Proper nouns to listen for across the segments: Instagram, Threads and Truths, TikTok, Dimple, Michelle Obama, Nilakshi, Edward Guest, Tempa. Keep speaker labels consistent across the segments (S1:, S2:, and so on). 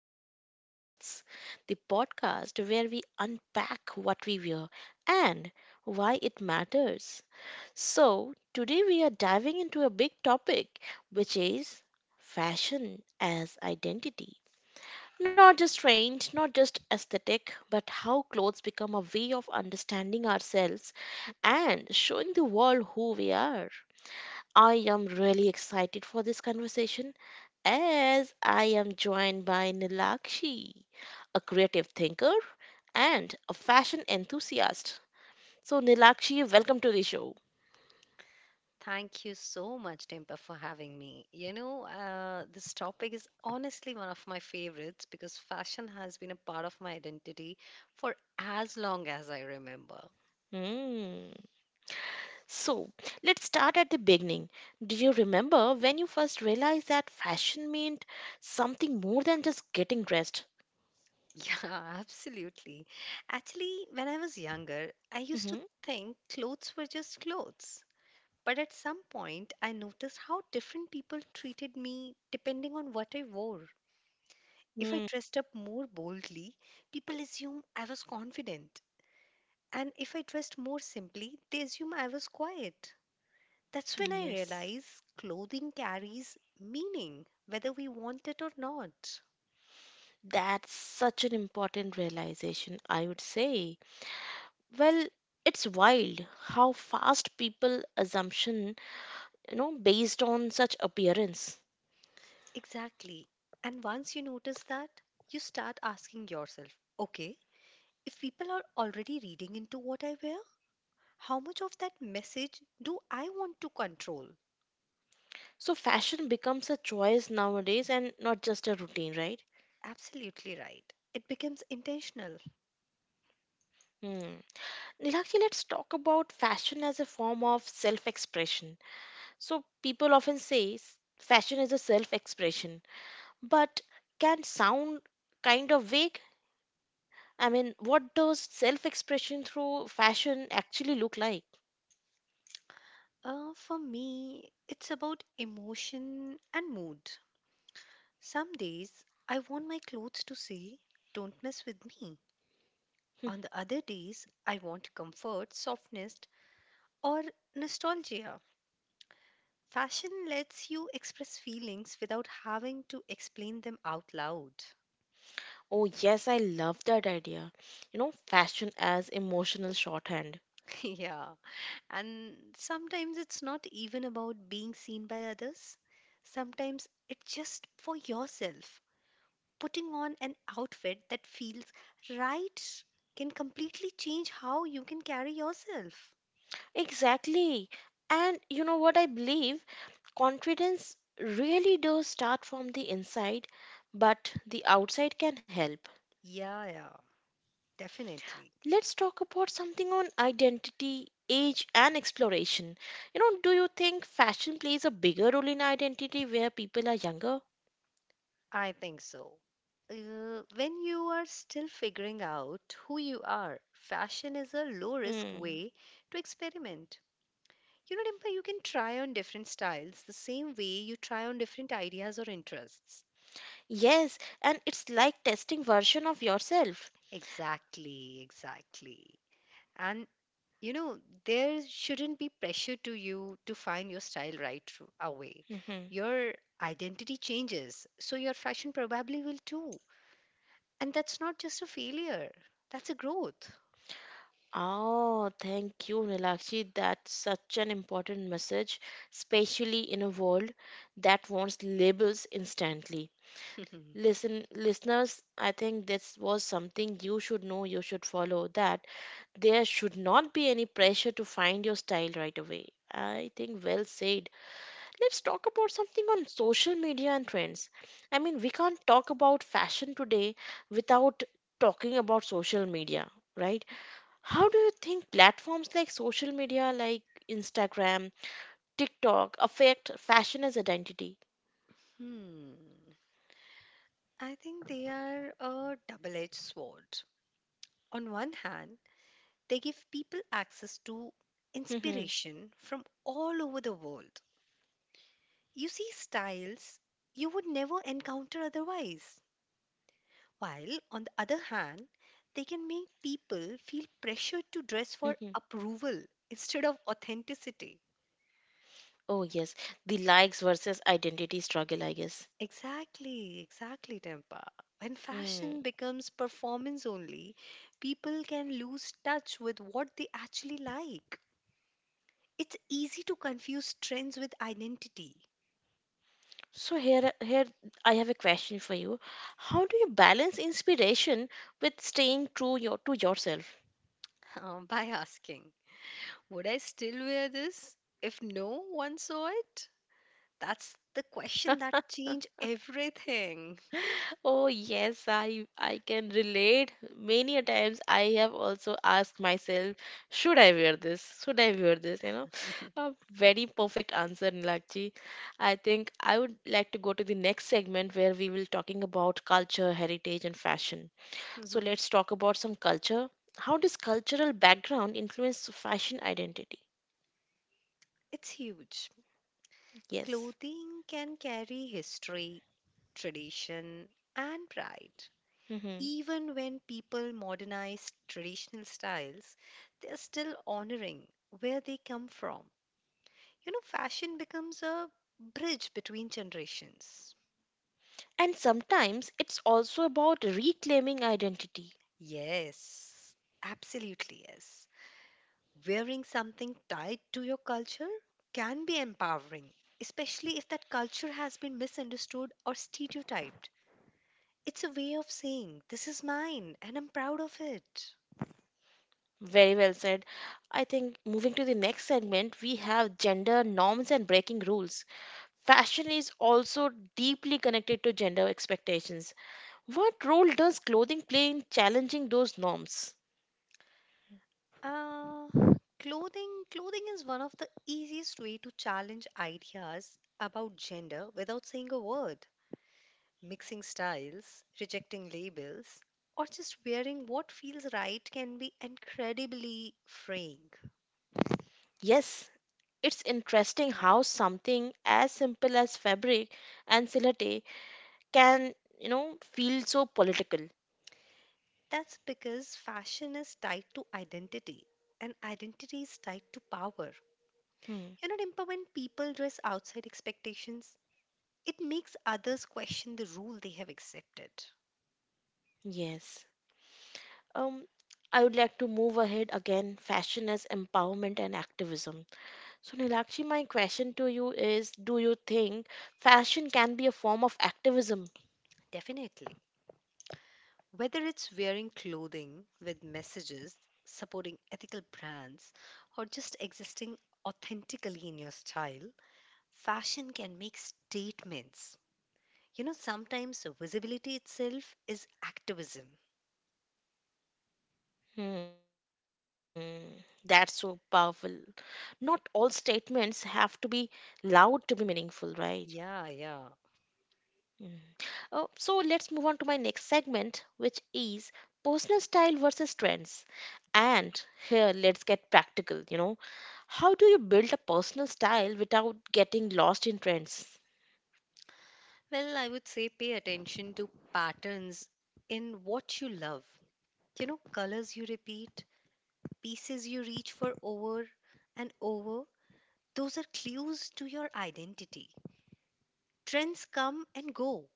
S1: to the Threads and Truths, the podcast where we unpack what we wear and why it matters. So, today we are diving into a big topic, which is fashion as identity. Not just trend, not just aesthetic, but how clothes become a way of understanding ourselves and showing the world who we are. I am really excited for this conversation as I am joined by Nilakshi, a creative thinker and a fashion enthusiast. So, Nilakshi, welcome to the show.
S2: Thank you so much, Tempa, for having me. This topic is honestly one of my favorites because fashion has been a part of my identity for as long as I remember.
S1: Hmm. So, let's start at the beginning. Do you remember when you first realized that fashion meant something more than just getting dressed?
S2: Yeah, absolutely. Actually, when I was younger, I used to
S1: Mhm.
S2: think clothes were just clothes. But at some point, I noticed how different people treated me depending on what I wore. If I
S1: Hmm.
S2: dressed up more boldly, people assumed I was confident. And if I dressed more simply, they assume I was quiet. That's when I
S1: Yes.
S2: realize clothing carries meaning, whether we want it or not.
S1: That's such an important realization, I would say. Well, it's wild how fast people assumption, you know, based on such appearance.
S2: Exactly. And once you notice that, you start asking yourself, okay, if people are already reading into what I wear, how much of that message do I want to control?
S1: So fashion becomes a choice nowadays and not just a routine, right?
S2: Absolutely right. It becomes intentional.
S1: Hmm. Nilakshi, let's talk about fashion as a form of self-expression. So people often say fashion is a self-expression, but can sound kind of vague. I mean, what does self-expression through fashion actually look like?
S2: For me, it's about emotion and mood. Some days I want my clothes to say, don't mess with me. On the other days, I want comfort, softness, or nostalgia. Fashion lets you express feelings without having to explain them out loud.
S1: Oh, yes, I love that idea. You know, fashion as emotional shorthand.
S2: Yeah, and sometimes it's not even about being seen by others, sometimes it's just for yourself. Putting on an outfit that feels right can completely change how you can carry yourself.
S1: Exactly. And you know what I believe? Confidence really does start from the inside, but the outside can help.
S2: Yeah, yeah, definitely.
S1: Let's talk about something on identity, age, and exploration. You know, do you think fashion plays a bigger role in identity where people are younger?
S2: I think so. When you are still figuring out who you are, fashion is a low risk
S1: Hmm.
S2: way to experiment. You know, Dimple, you can try on different styles the same way you try on different ideas or interests.
S1: Yes, and it's like testing version of yourself.
S2: Exactly, exactly. And you know, there shouldn't be pressure to you to find your style right away.
S1: Mhm.
S2: Your identity changes, so your fashion probably will too. And that's not just a failure, that's a growth.
S1: Oh, thank you, Nilakshi. That's such an important message, especially in a world that wants labels instantly. Listen, listeners, I think this was something you should know, you should follow that there should not be any pressure to find your style right away. I think well said. Let's talk about something on social media and trends. I mean, we can't talk about fashion today without talking about social media, right? How do you think platforms like social media, like Instagram, TikTok, affect fashion as identity?
S2: Hmm. I think they are a double edged sword. On one hand, they give people access to
S1: Mhm,
S2: inspiration from all over the world. You see styles you would never encounter otherwise. While, on the other hand, they can make people feel pressured to dress for
S1: mhm.
S2: approval instead of authenticity.
S1: Oh yes, the likes versus identity struggle, I guess.
S2: Exactly, exactly, Tempa. When
S1: Hmm.
S2: fashion becomes performance only, people can lose touch with what they actually like. It's easy to confuse trends with identity.
S1: So here, here I have a question for you. How do you balance inspiration with staying true to yourself?
S2: By asking, would I still wear this if no one saw it? That's the question that changed everything.
S1: Oh yes, I can relate. Many a times I have also asked myself, should I wear this? Should I wear this? You know, a very perfect answer, Nilakji. I think I would like to go to the next segment where we will talking about culture, heritage, and fashion. So
S2: Mhm.
S1: let's talk about some culture. How does cultural background influence fashion identity?
S2: It's huge.
S1: Yes.
S2: Clothing can carry history, tradition, and pride.
S1: Hmm.
S2: Even when people modernize traditional styles, they are still honoring where they come from. You know, fashion becomes a bridge between generations.
S1: And sometimes it's also about reclaiming identity.
S2: Yes, absolutely yes. Wearing something tied to your culture can be empowering, especially if that culture has been misunderstood or stereotyped. It's a way of saying, this is mine and I'm proud of it.
S1: Very well said. I think moving to the next segment, we have gender norms and breaking rules. Fashion is also deeply connected to gender expectations. What role does clothing play in challenging those norms?
S2: Uh, clothing is one of the easiest way to challenge ideas about gender without saying a word. Mixing styles, rejecting labels, or just wearing what feels right can be incredibly freeing.
S1: Yes, it's interesting how something as simple as fabric and silhouette can, you know, feel so political.
S2: That's because fashion is tied to identity, and identity is tied to power.
S1: Hmm.
S2: You know, Dimple, when people dress outside expectations, it makes others question the rule they have accepted.
S1: Yes. Um, I would like to move ahead again fashion as empowerment and activism. So, Nilakshi, my question to you is, do you think fashion can be a form of activism?
S2: Definitely. Whether it's wearing clothing with messages, supporting ethical brands, or just existing authentically in your style, fashion can make statements. You know, sometimes visibility itself is activism.
S1: Hmm, that's so powerful. Not all statements have to be loud to be meaningful, right?
S2: Yeah, yeah.
S1: Mm. Oh, so, let's move on to my next segment, which is personal style versus trends. And here, let's get practical, you know. How do you build a personal style without getting lost in trends?
S2: Well, I would say pay attention to patterns in what you love. You know, colors you repeat, pieces you reach for over and over, those are clues to your identity. Trends come and go,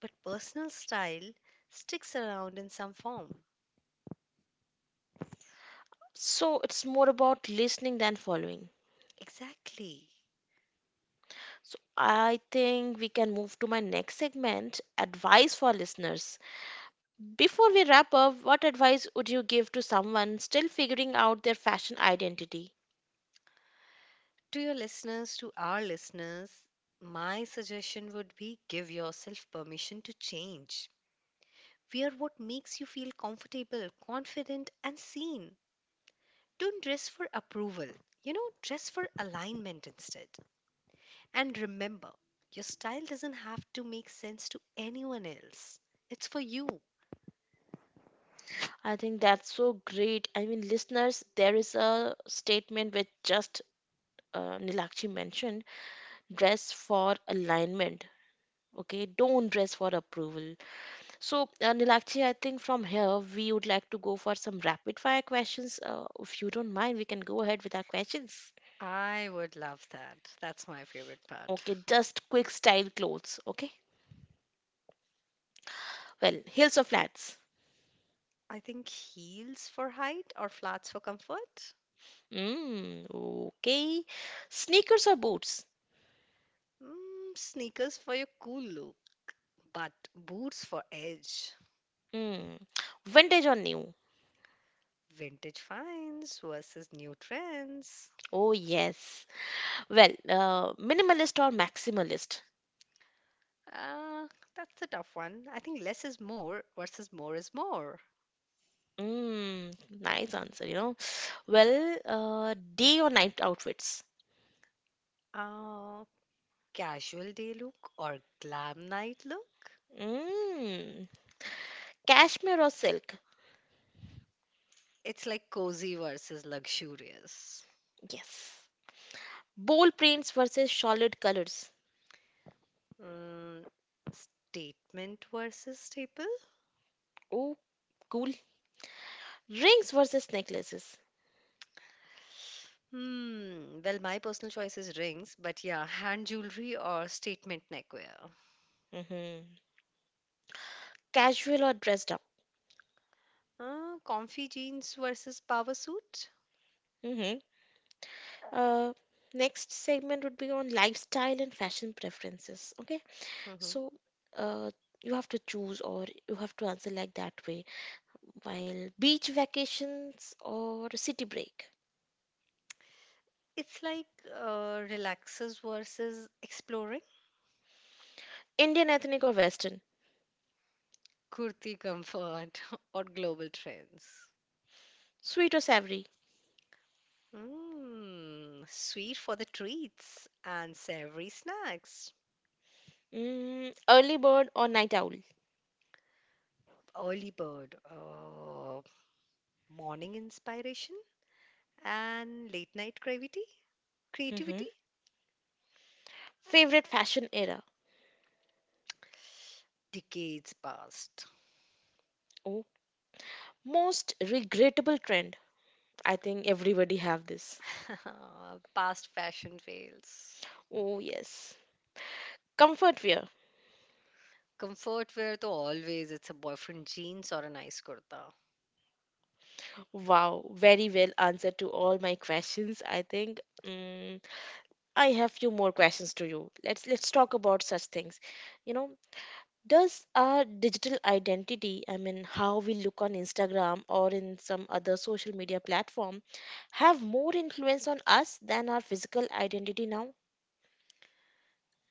S2: but personal style sticks around in some form.
S1: So, it's more about listening than following.
S2: Exactly.
S1: So I think we can move to my next segment advice for listeners. Before we wrap up, what advice would you give to someone still figuring out their fashion identity?
S2: To your listeners, to our listeners, my suggestion would be give yourself permission to change. Wear what makes you feel comfortable, confident, and seen. Don't dress for approval. You know, dress for alignment instead. And remember, your style doesn't have to make sense to anyone else, it's for you.
S1: I think that's so great. I mean, listeners, there is a statement which just Nilakshi mentioned, dress for alignment. Okay, don't dress for approval. So, Nilakshi, I think from here we would like to go for some rapid fire questions. If you don't mind, we can go ahead with our questions.
S2: I would love that. That's my favorite part.
S1: Okay, just quick style clothes. Okay. Well, heels or flats?
S2: I think heels for height or flats for comfort.
S1: Mm, okay. Sneakers or boots?
S2: Mm, sneakers for your cool look, but boots for edge.
S1: Mm, vintage or new?
S2: Vintage finds versus new trends.
S1: Oh, yes. Well, minimalist or maximalist?
S2: Uh, that's a tough one. I think less is more versus more is more.
S1: Mm, nice answer, you know. Well, day or night outfits?
S2: Uh, Casual day look or glam night look?
S1: Mm, cashmere or silk?
S2: It's like cozy versus luxurious.
S1: Yes. Bold prints versus solid colors.
S2: Mm, statement versus staple?
S1: Oh, cool. Rings versus necklaces.
S2: Hmm. Well, my personal choice is rings, but yeah, hand jewelry or statement neckwear.
S1: Hmm. Casual or dressed up?
S2: Comfy jeans versus power suit.
S1: Mm-hmm. Uh, Next segment would be on lifestyle and fashion preferences. Okay,
S2: Hmm.
S1: so uh, you have to choose or you have to answer like that way. While beach vacations or city break,
S2: It's like relaxers versus exploring.
S1: Indian ethnic or Western,
S2: Kurti comfort or global trends.
S1: sweet or savory,
S2: Mm, sweet for the treats and savory snacks.
S1: mm, early bird or night owl.
S2: Early bird, morning inspiration, and late night creativity.
S1: Mm-hmm.
S2: Creativity,
S1: Favorite fashion era.
S2: decades past.
S1: Oh, most regrettable trend. I think everybody have this.
S2: Past fashion fails.
S1: Oh yes, comfort wear.
S2: Comfort wear though always it's a boyfriend jeans or a nice kurta.
S1: Wow, very well answered to all my questions, I think. Mm, I have few more questions to you. Let's talk about such things. You know, does our digital identity, I mean, how we look on Instagram or in some other social media platform, have more influence on us than our physical identity now?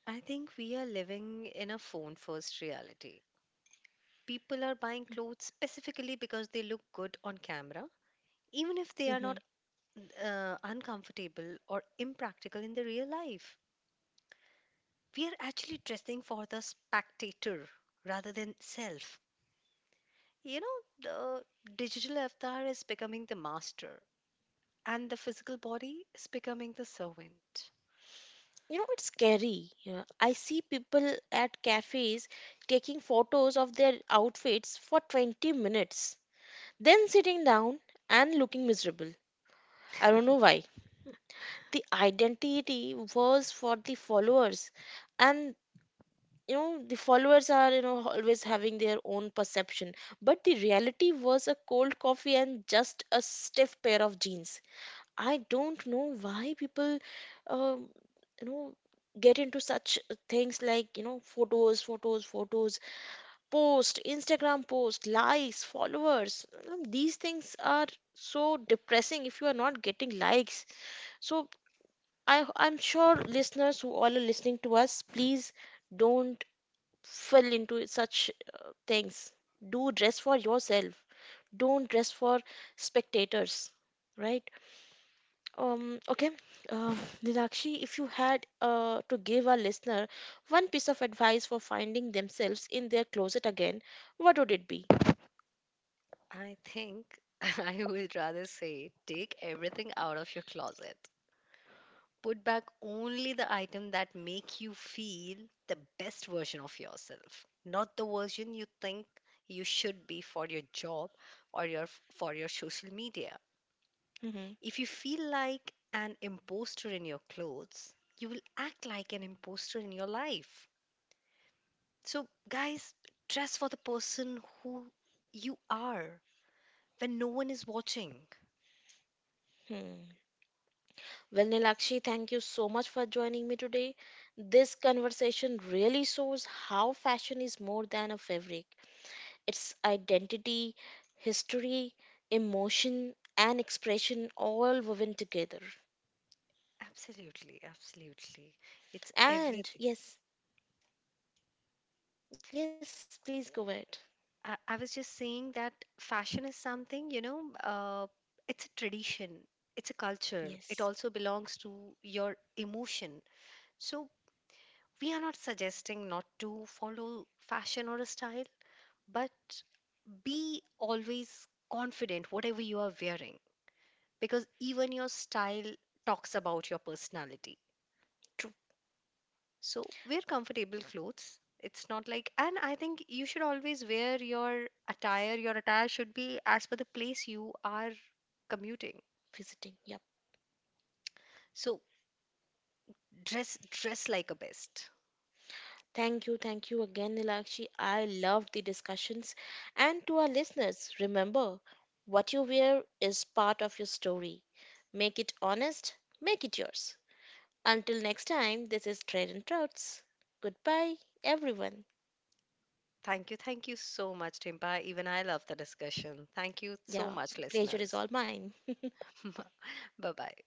S2: I think we are living in a phone first reality. People are buying clothes specifically because they look good on camera, even if they are
S1: Hmm.
S2: not uncomfortable or impractical in the real life. We are actually dressing for the spectator rather than self. You know, the digital avatar is becoming the master, and the physical body is becoming the servant.
S1: You know, it's scary. Yeah. I see people at cafes taking photos of their outfits for 20 minutes. Then sitting down and looking miserable. I don't know why. The identity was for the followers, and you know, the followers are, you know, always having their own perception, but the reality was a cold coffee and just a stiff pair of jeans. I don't know why people, um, you know, get into such things like photos, photos, photos, post, instagram post, likes, followers. These things are so depressing if you are not getting likes, so I'm sure listeners who all are listening to us, please don't fall into such things. Do dress for yourself, don't dress for spectators, right? um okay uh, Nilakshi, if you had to give our listener one piece of advice for finding themselves in their closet again, what would it be?
S2: I think I would rather say take everything out of your closet. Put back only the item that make you feel the best version of yourself, not the version you think you should be for your job or your for your social media.
S1: Mm-hmm.
S2: If you feel like an imposter in your clothes, you will act like an imposter in your life. So, guys, dress for the person who you are when no one is watching.
S1: Hmm. Well, Nilakshi, thank you so much for joining me today. This conversation really shows how fashion is more than a fabric, its identity, history, emotion, and expression all woven together.
S2: Absolutely, absolutely. It's
S1: And
S2: everything.
S1: yes, yes, please go ahead.
S2: I was just saying that fashion is something, it's a tradition, it's a culture,
S1: Yes,
S2: it also belongs to your emotion. So, we are not suggesting not to follow fashion or a style, but be always confident, whatever you are wearing, because even your style talks about your personality.
S1: true,
S2: So wear comfortable clothes. It's not like, and I think you should always wear your attire. Your attire should be as per the place you are commuting.
S1: visiting. Yep.
S2: So dress like a best.
S1: Thank you again, Nilakshi. I love the discussions. And to our listeners, remember what you wear is part of your story. Make it honest, make it yours. Until next time, this is Trade and Trouts. Goodbye, everyone.
S2: Thank you. Thank you so much, Timpa. Even I love the discussion. Thank you so
S1: Yeah,
S2: much,
S1: pleasure is
S2: listeners.
S1: all mine.
S2: Bye bye.